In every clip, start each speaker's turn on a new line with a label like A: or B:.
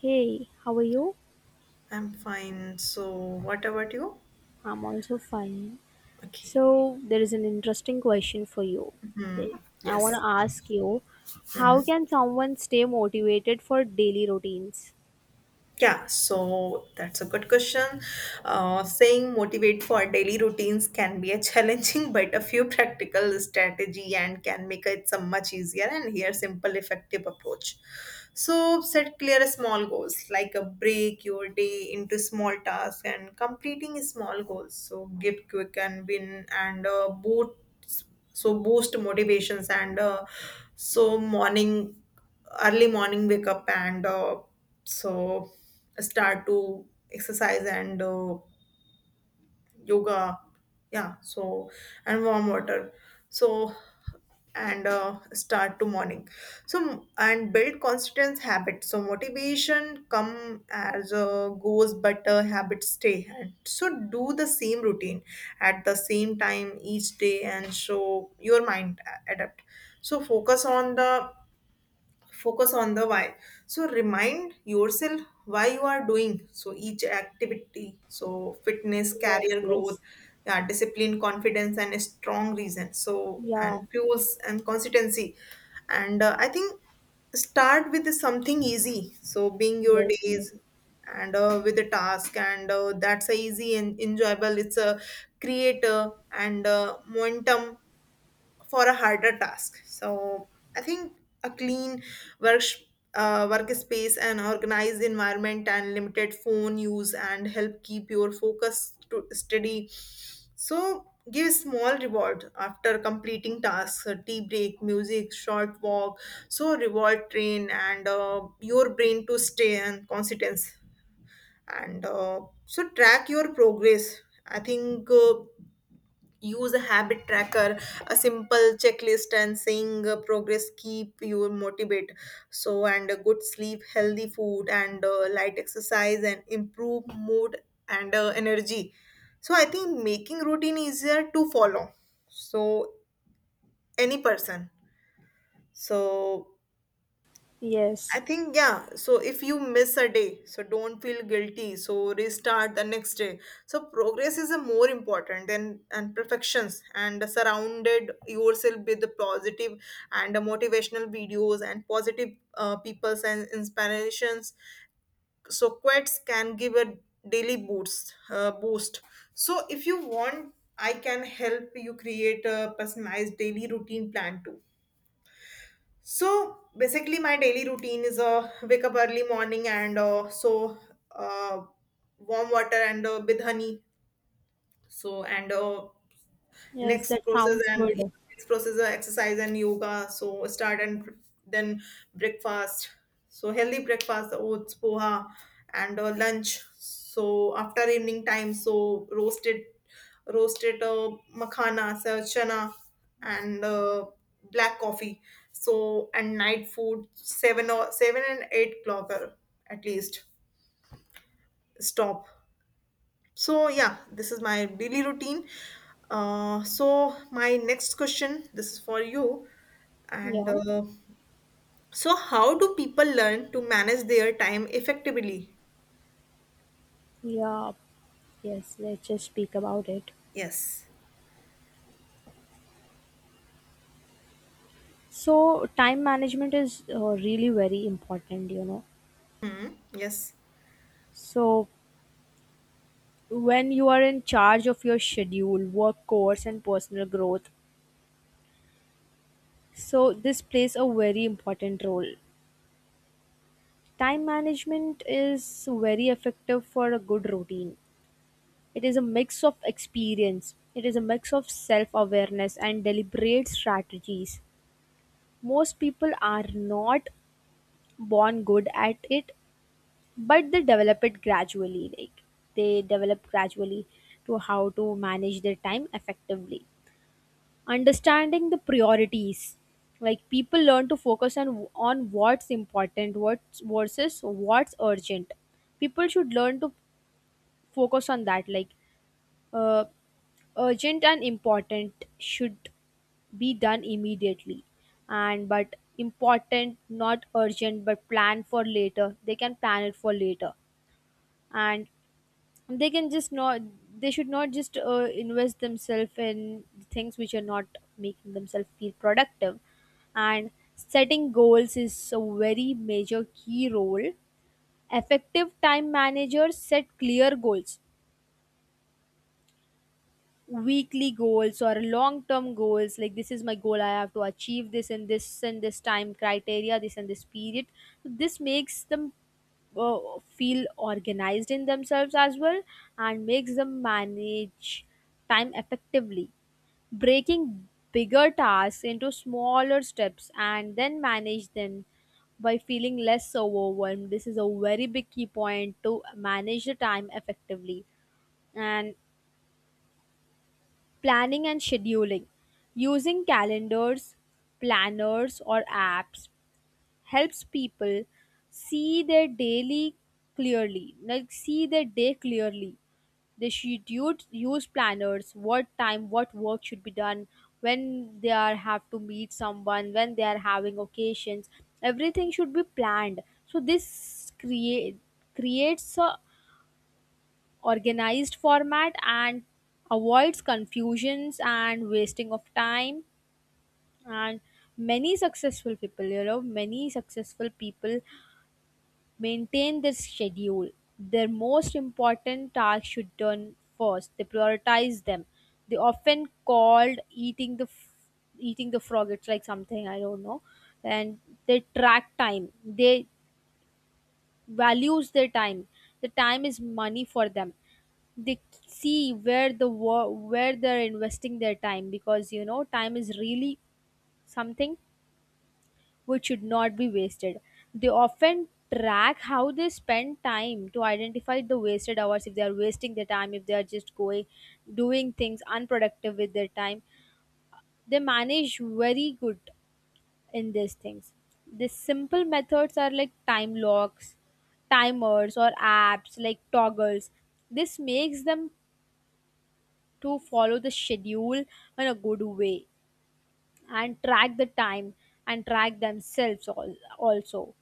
A: Hey, how are you?
B: I'm fine. So, what about you?
A: I'm also fine.
B: Okay.
A: So, there is an interesting question for you.
B: Hmm.
A: Like, I want to
B: Yes.
A: ask you,
B: Hmm.
A: how can someone stay motivated for daily routines?
B: Yeah. So that's a good question. Saying motivate for daily routines can be a challenging, but a few practical strategy and can make it some much easier and here simple effective approach. So set clear small goals like a break your day into small tasks and completing small goals. So give quick and win and boot so boost motivations and morning early morning wake up and so start to exercise and yoga, yeah, so and warm water, so and start to morning, so and build consistent habits so motivation come as goes but habits stay and so do the same routine at the same time each day and show your mind adapt so focus on the why, so remind yourself why you are doing so each activity, so fitness,
A: Yes,
B: career growth,
A: yes.
B: yeah, discipline, confidence and a strong reason, so and
A: Yeah,
B: fuels and consistency and I think start with something easy, so being your
A: yes, yes.
B: days and with a task and that's a easy and enjoyable, it's a creator and momentum for a harder task. So I think a clean work workspace and organized environment and limited phone use and help keep your focus to steady. So give small reward after completing tasks, a tea break, music, short walk. So reward train and your brain to stay and consistence and so track your progress. I think. Use a habit tracker, a simple checklist, and seeing progress keep you motivated, so and a good sleep, healthy food and light exercise and improve mood and energy so I think making routine easier to follow so any person so I
A: Yes,
B: think, yeah. So if you miss a day, so don't feel guilty. So restart the next day. So progress is a more important than and perfections and surrounded yourself with the positive and the motivational videos and positive people's and inspirations. So quotes can give a daily boost. So if you want, I can help you create a personalized daily routine plan too. So basically, my daily routine is wake up early morning and uh, warm water and with honey. So and
A: yes,
B: next
A: that
B: process
A: sounds
B: and, yeah,
A: good.
B: next process are exercise and yoga, so start and then breakfast, so healthy breakfast, oats, poha and lunch, so after evening time, so roasted makhana, so chana and black coffee so and night food 7 or 7 and 8 o'clock at least stop so, yeah, this is my daily routine. So my next question, this is for you, and
A: Yeah,
B: so how do people learn to manage their time effectively?
A: yeah, yes, let's just speak about it.
B: Yes,
A: So, time management is really very important, you know.
B: yes,
A: So, when you are in charge of your schedule, work course, and personal growth, so this plays a very important role. Time management is very effective for a good routine. It is a mix of experience, it is a mix of self awareness and deliberate strategies. Most people are not born good at it, but they develop it gradually. Like, they develop gradually to how to manage their time effectively. Understanding the priorities, like people learn to focus on what's important, what's versus what's urgent. People should learn to focus on that, like uh, urgent and important should be done immediately, and but important not urgent but plan for later, they can plan it for later. And they can just not, they should not just invest themselves in things which are not making themselves feel productive. And setting goals is a very major key role. Effective time managers set clear goals, weekly goals or long term goals, like this is my goal, I have to achieve this in this and this time criteria, this and this period. So this makes them uh, feel organized in themselves as well, and makes them manage time effectively. Breaking bigger tasks into smaller steps and then manage them by feeling less overwhelmed, this is a very big key point to manage the time effectively. And planning and scheduling, using calendars, planners or apps, helps people see their daily clearly, like see their day clearly. They should use planners, what time, what work should be done, when they are have to meet someone, when they are having occasions. Everything should be planned. So this creates a organized format, and avoids confusions and wasting of time. And many successful people, you know, many successful people maintain this schedule. Their most important tasks should done first. They prioritize them. They often called eating the frog. It's like something I don't know. And they track time. They values their time. The time is money for them. They see where they're investing their time, because you know time is really something which should not be wasted. They often track how they spend time to identify the wasted hours, if they are wasting their time, if they are just going doing things unproductive with their time. They manage very good in these things. The simple methods are like time locks, timers, or apps like toggles. This makes them to follow the schedule in a good way, and track the time, and track themselves also.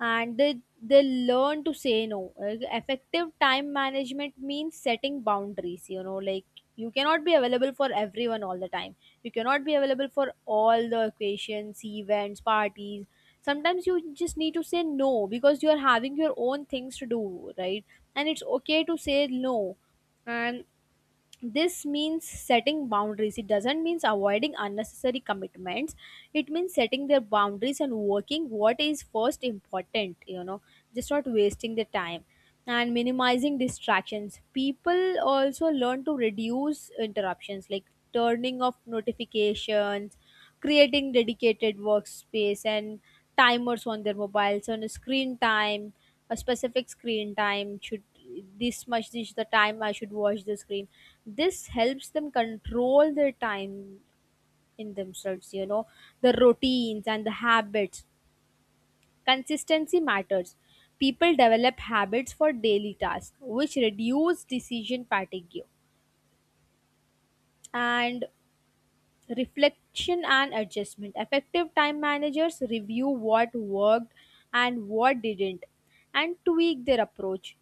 A: And they learn to say no. Effective time management means setting boundaries, you know, like you cannot be available for everyone all the time, you cannot be available for all the occasions, events, parties. Sometimes you just need to say no, because you are having your own things to do, right? And it's okay to say no. And this means setting boundaries, it doesn't mean avoiding unnecessary commitments, it means setting their boundaries and working what is first important, you know, just not wasting the time. And minimizing distractions, people also learn to reduce interruptions, like turning off notifications, creating dedicated workspace, and timers on their mobiles on a screen time. A specific screen time should, this much, this is the time I should watch the screen. This helps them control their time in themselves, you know. The routines and the habits, consistency matters, people develop habits for daily tasks which reduce decision fatigue. And reflection and adjustment, effective time managers review what worked and what didn't, and tweak their approach.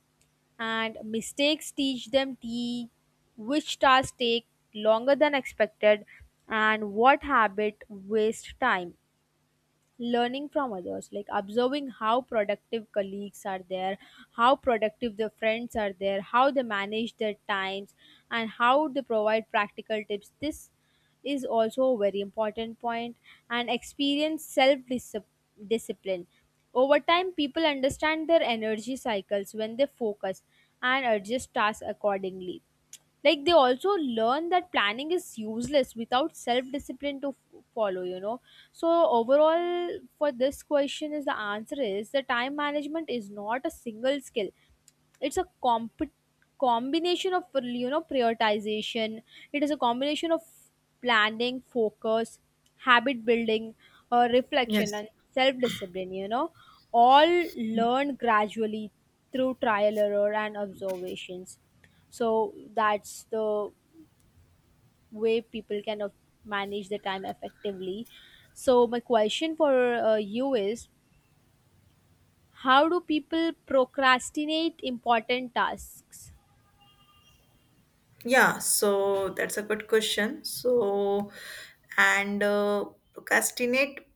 A: And mistakes teach them the which tasks take longer than expected, and what habit waste time. Learning from others, like observing how productive colleagues are there, how productive the friends are there, how they manage their times, and how they provide practical tips, this is also a very important point. And experience self discipline. Over time people understand their energy cycles when they focus, and adjust tasks accordingly, like they also learn that planning is useless without self discipline to follow, you know. So overall, for this question is the answer is the time management is not a single skill, it's a combination of, you know, prioritization. It is a combination of planning, focus, habit building, reflection
B: yes.
A: and self discipline, you know, all learned gradually through trial, error and observations. So that's the way people can manage the time effectively. So my question for you is, how do people procrastinate important tasks?
B: Yeah, so that's a good question. So, and procrastinate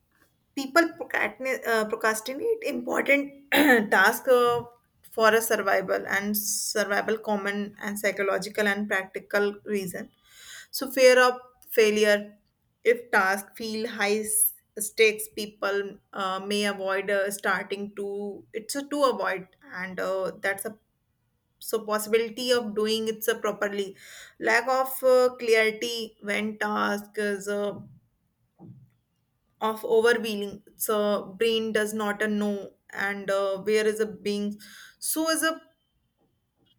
B: people procrastinate, procrastinate important task for a survival and survival common and psychological and practical reason. So, fear of failure. If task feel high stakes, people may avoid starting to. It's a to avoid, and that's a so possibility of doing it so properly, lack of clarity when task is of overwhelming so brain does not know and where is a being, so is a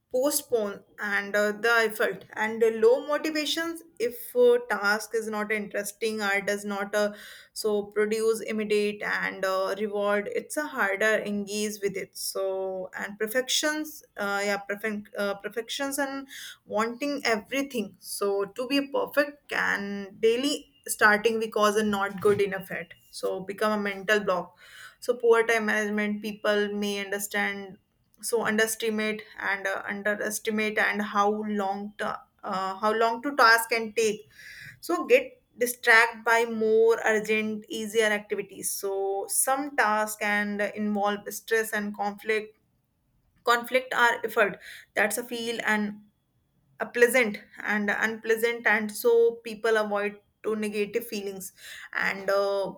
B: postpone and the effort and low motivations if task is not interesting or does not so produce immediate and reward, it's a harder engage with it so and perfections yeah perfect perfections and wanting everything so to be perfect can daily starting because and not good enough at so become a mental block, so poor time management, people may understand so underestimate and underestimate and how long to task can take so get distracted by more urgent easier activities, so some tasks can involve stress and conflict are effort that's a feel and a pleasant and unpleasant and so people avoid to negative feelings and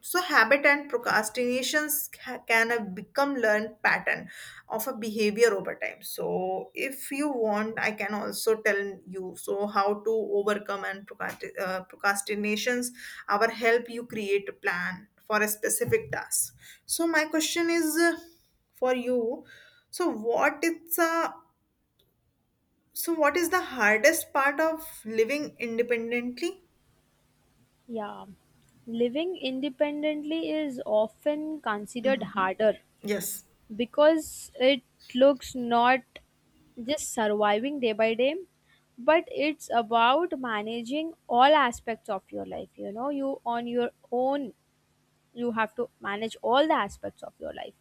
B: so, habit and procrastinations can become learned pattern of a behavior over time. So, if you want, I can also tell you so how to overcome and procrastinations. Our help you create a plan for a specific task. So, my question is for you. So, what is what is the hardest part of living independently?
A: Yeah, living independently is often considered
B: Mhm.
A: harder
B: Yes.
A: because it looks not just surviving day by day, but it's about managing all aspects of your life. You know, you on your own, you have to manage all the aspects of your life.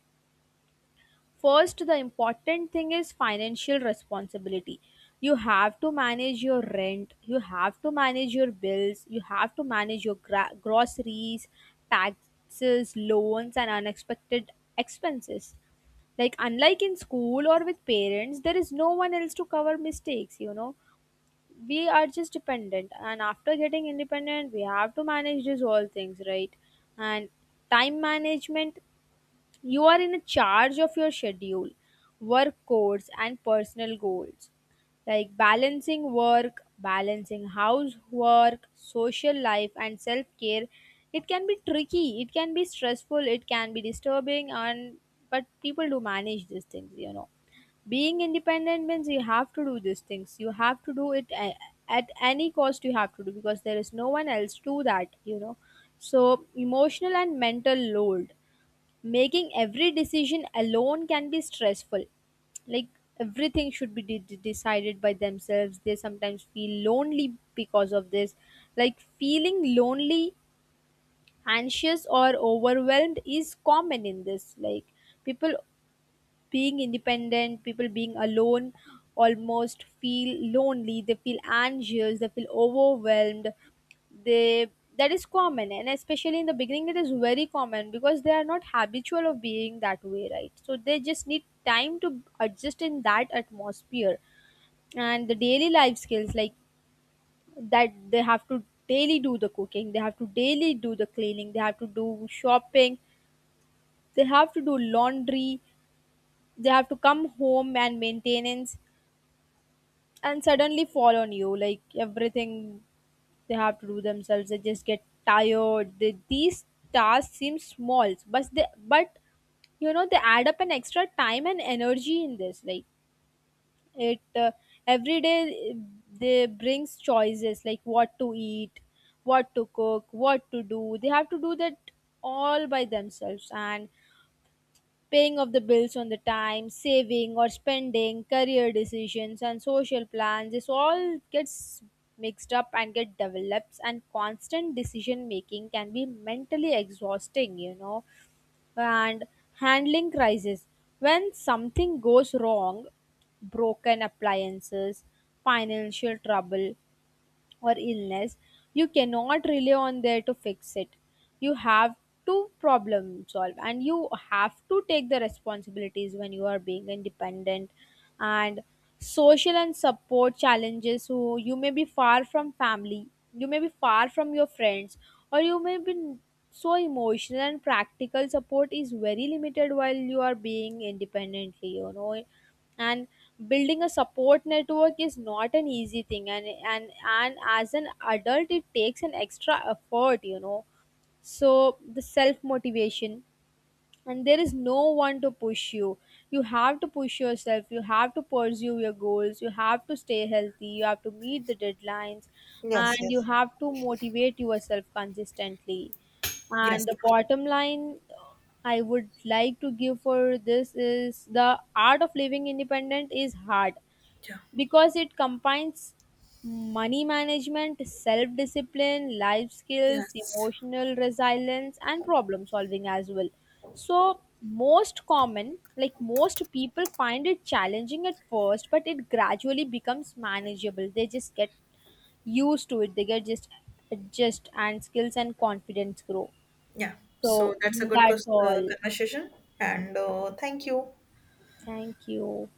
A: First, the important thing is financial responsibility. You have to manage your rent, you have to manage your bills, you have to manage your groceries, taxes, loans, and unexpected expenses. Like, unlike in school or with parents, there is no one else to cover mistakes, you know. We are just dependent, and after getting independent, we have to manage these all things, right? And time management, you are in charge of your schedule, work codes, and personal goals, like balancing work, balancing housework, social life, and self care. It can be tricky, it can be stressful, it can be disturbing, and but people do manage these things, you know. Being independent means you have to do these things, you have to do at any cost, you have to do because there is no one else to that, you know. So, emotional and mental load, making every decision alone can be stressful, like everything should be decided by themselves, they sometimes feel lonely because of this, like feeling lonely, anxious or overwhelmed is common in this, like people being independent, people being alone almost feel lonely, they feel anxious, they feel overwhelmed. They, that is common, and especially in the beginning it is very common because they are not habitual of being that way, right? So they just need time to adjust in that atmosphere. And the daily life skills, like that they have to daily do the cooking, they have to daily do the cleaning, they have to do shopping, they have to do laundry, they have to come home and maintenance, and suddenly fall on you like everything they have to do themselves, they just get tired, they, these tasks seem small but they, but you know they add up an extra time and energy in this, like it every day they brings choices, like what to eat, what to cook, what to do, they have to do that all by themselves. And paying of the bills on the time, saving or spending, career decisions and social plans, this all gets mixed up and get develops, and constant decision making can be mentally exhausting, you know. And handling crisis. When something goes wrong, broken appliances, financial trouble, or illness, you cannot rely on there to fix it. You have to problem solve, and you have to take the responsibilities when you are being independent. And social and support challenges, so you may be far from family, you may be far from your friends, or you may be, so emotional and practical support is very limited while you are being independently, you know. And building a support network is not an easy thing, and and as an adult it takes an extra effort, you know. So the self motivation, and there is no one to push you, you have to push yourself, you have to pursue your goals, you have to stay healthy, you have to meet the deadlines,
B: Yes,
A: and you
B: yes.
A: have to motivate yourself consistently.
B: Yes.
A: And the bottom line, I would like to give for this is the art of living independent is hard
B: Yeah.
A: because it combines money management, self discipline, life skills,
B: Yes.
A: emotional resilience, and problem solving as well. So, most common, like most people find it challenging at first, but it gradually becomes manageable. They just get used to it, they get just adjust, and skills and confidence grow.
B: Yeah. So
A: So,
B: that's a good
A: that's all.
B: conversation. And thank you.
A: Thank you.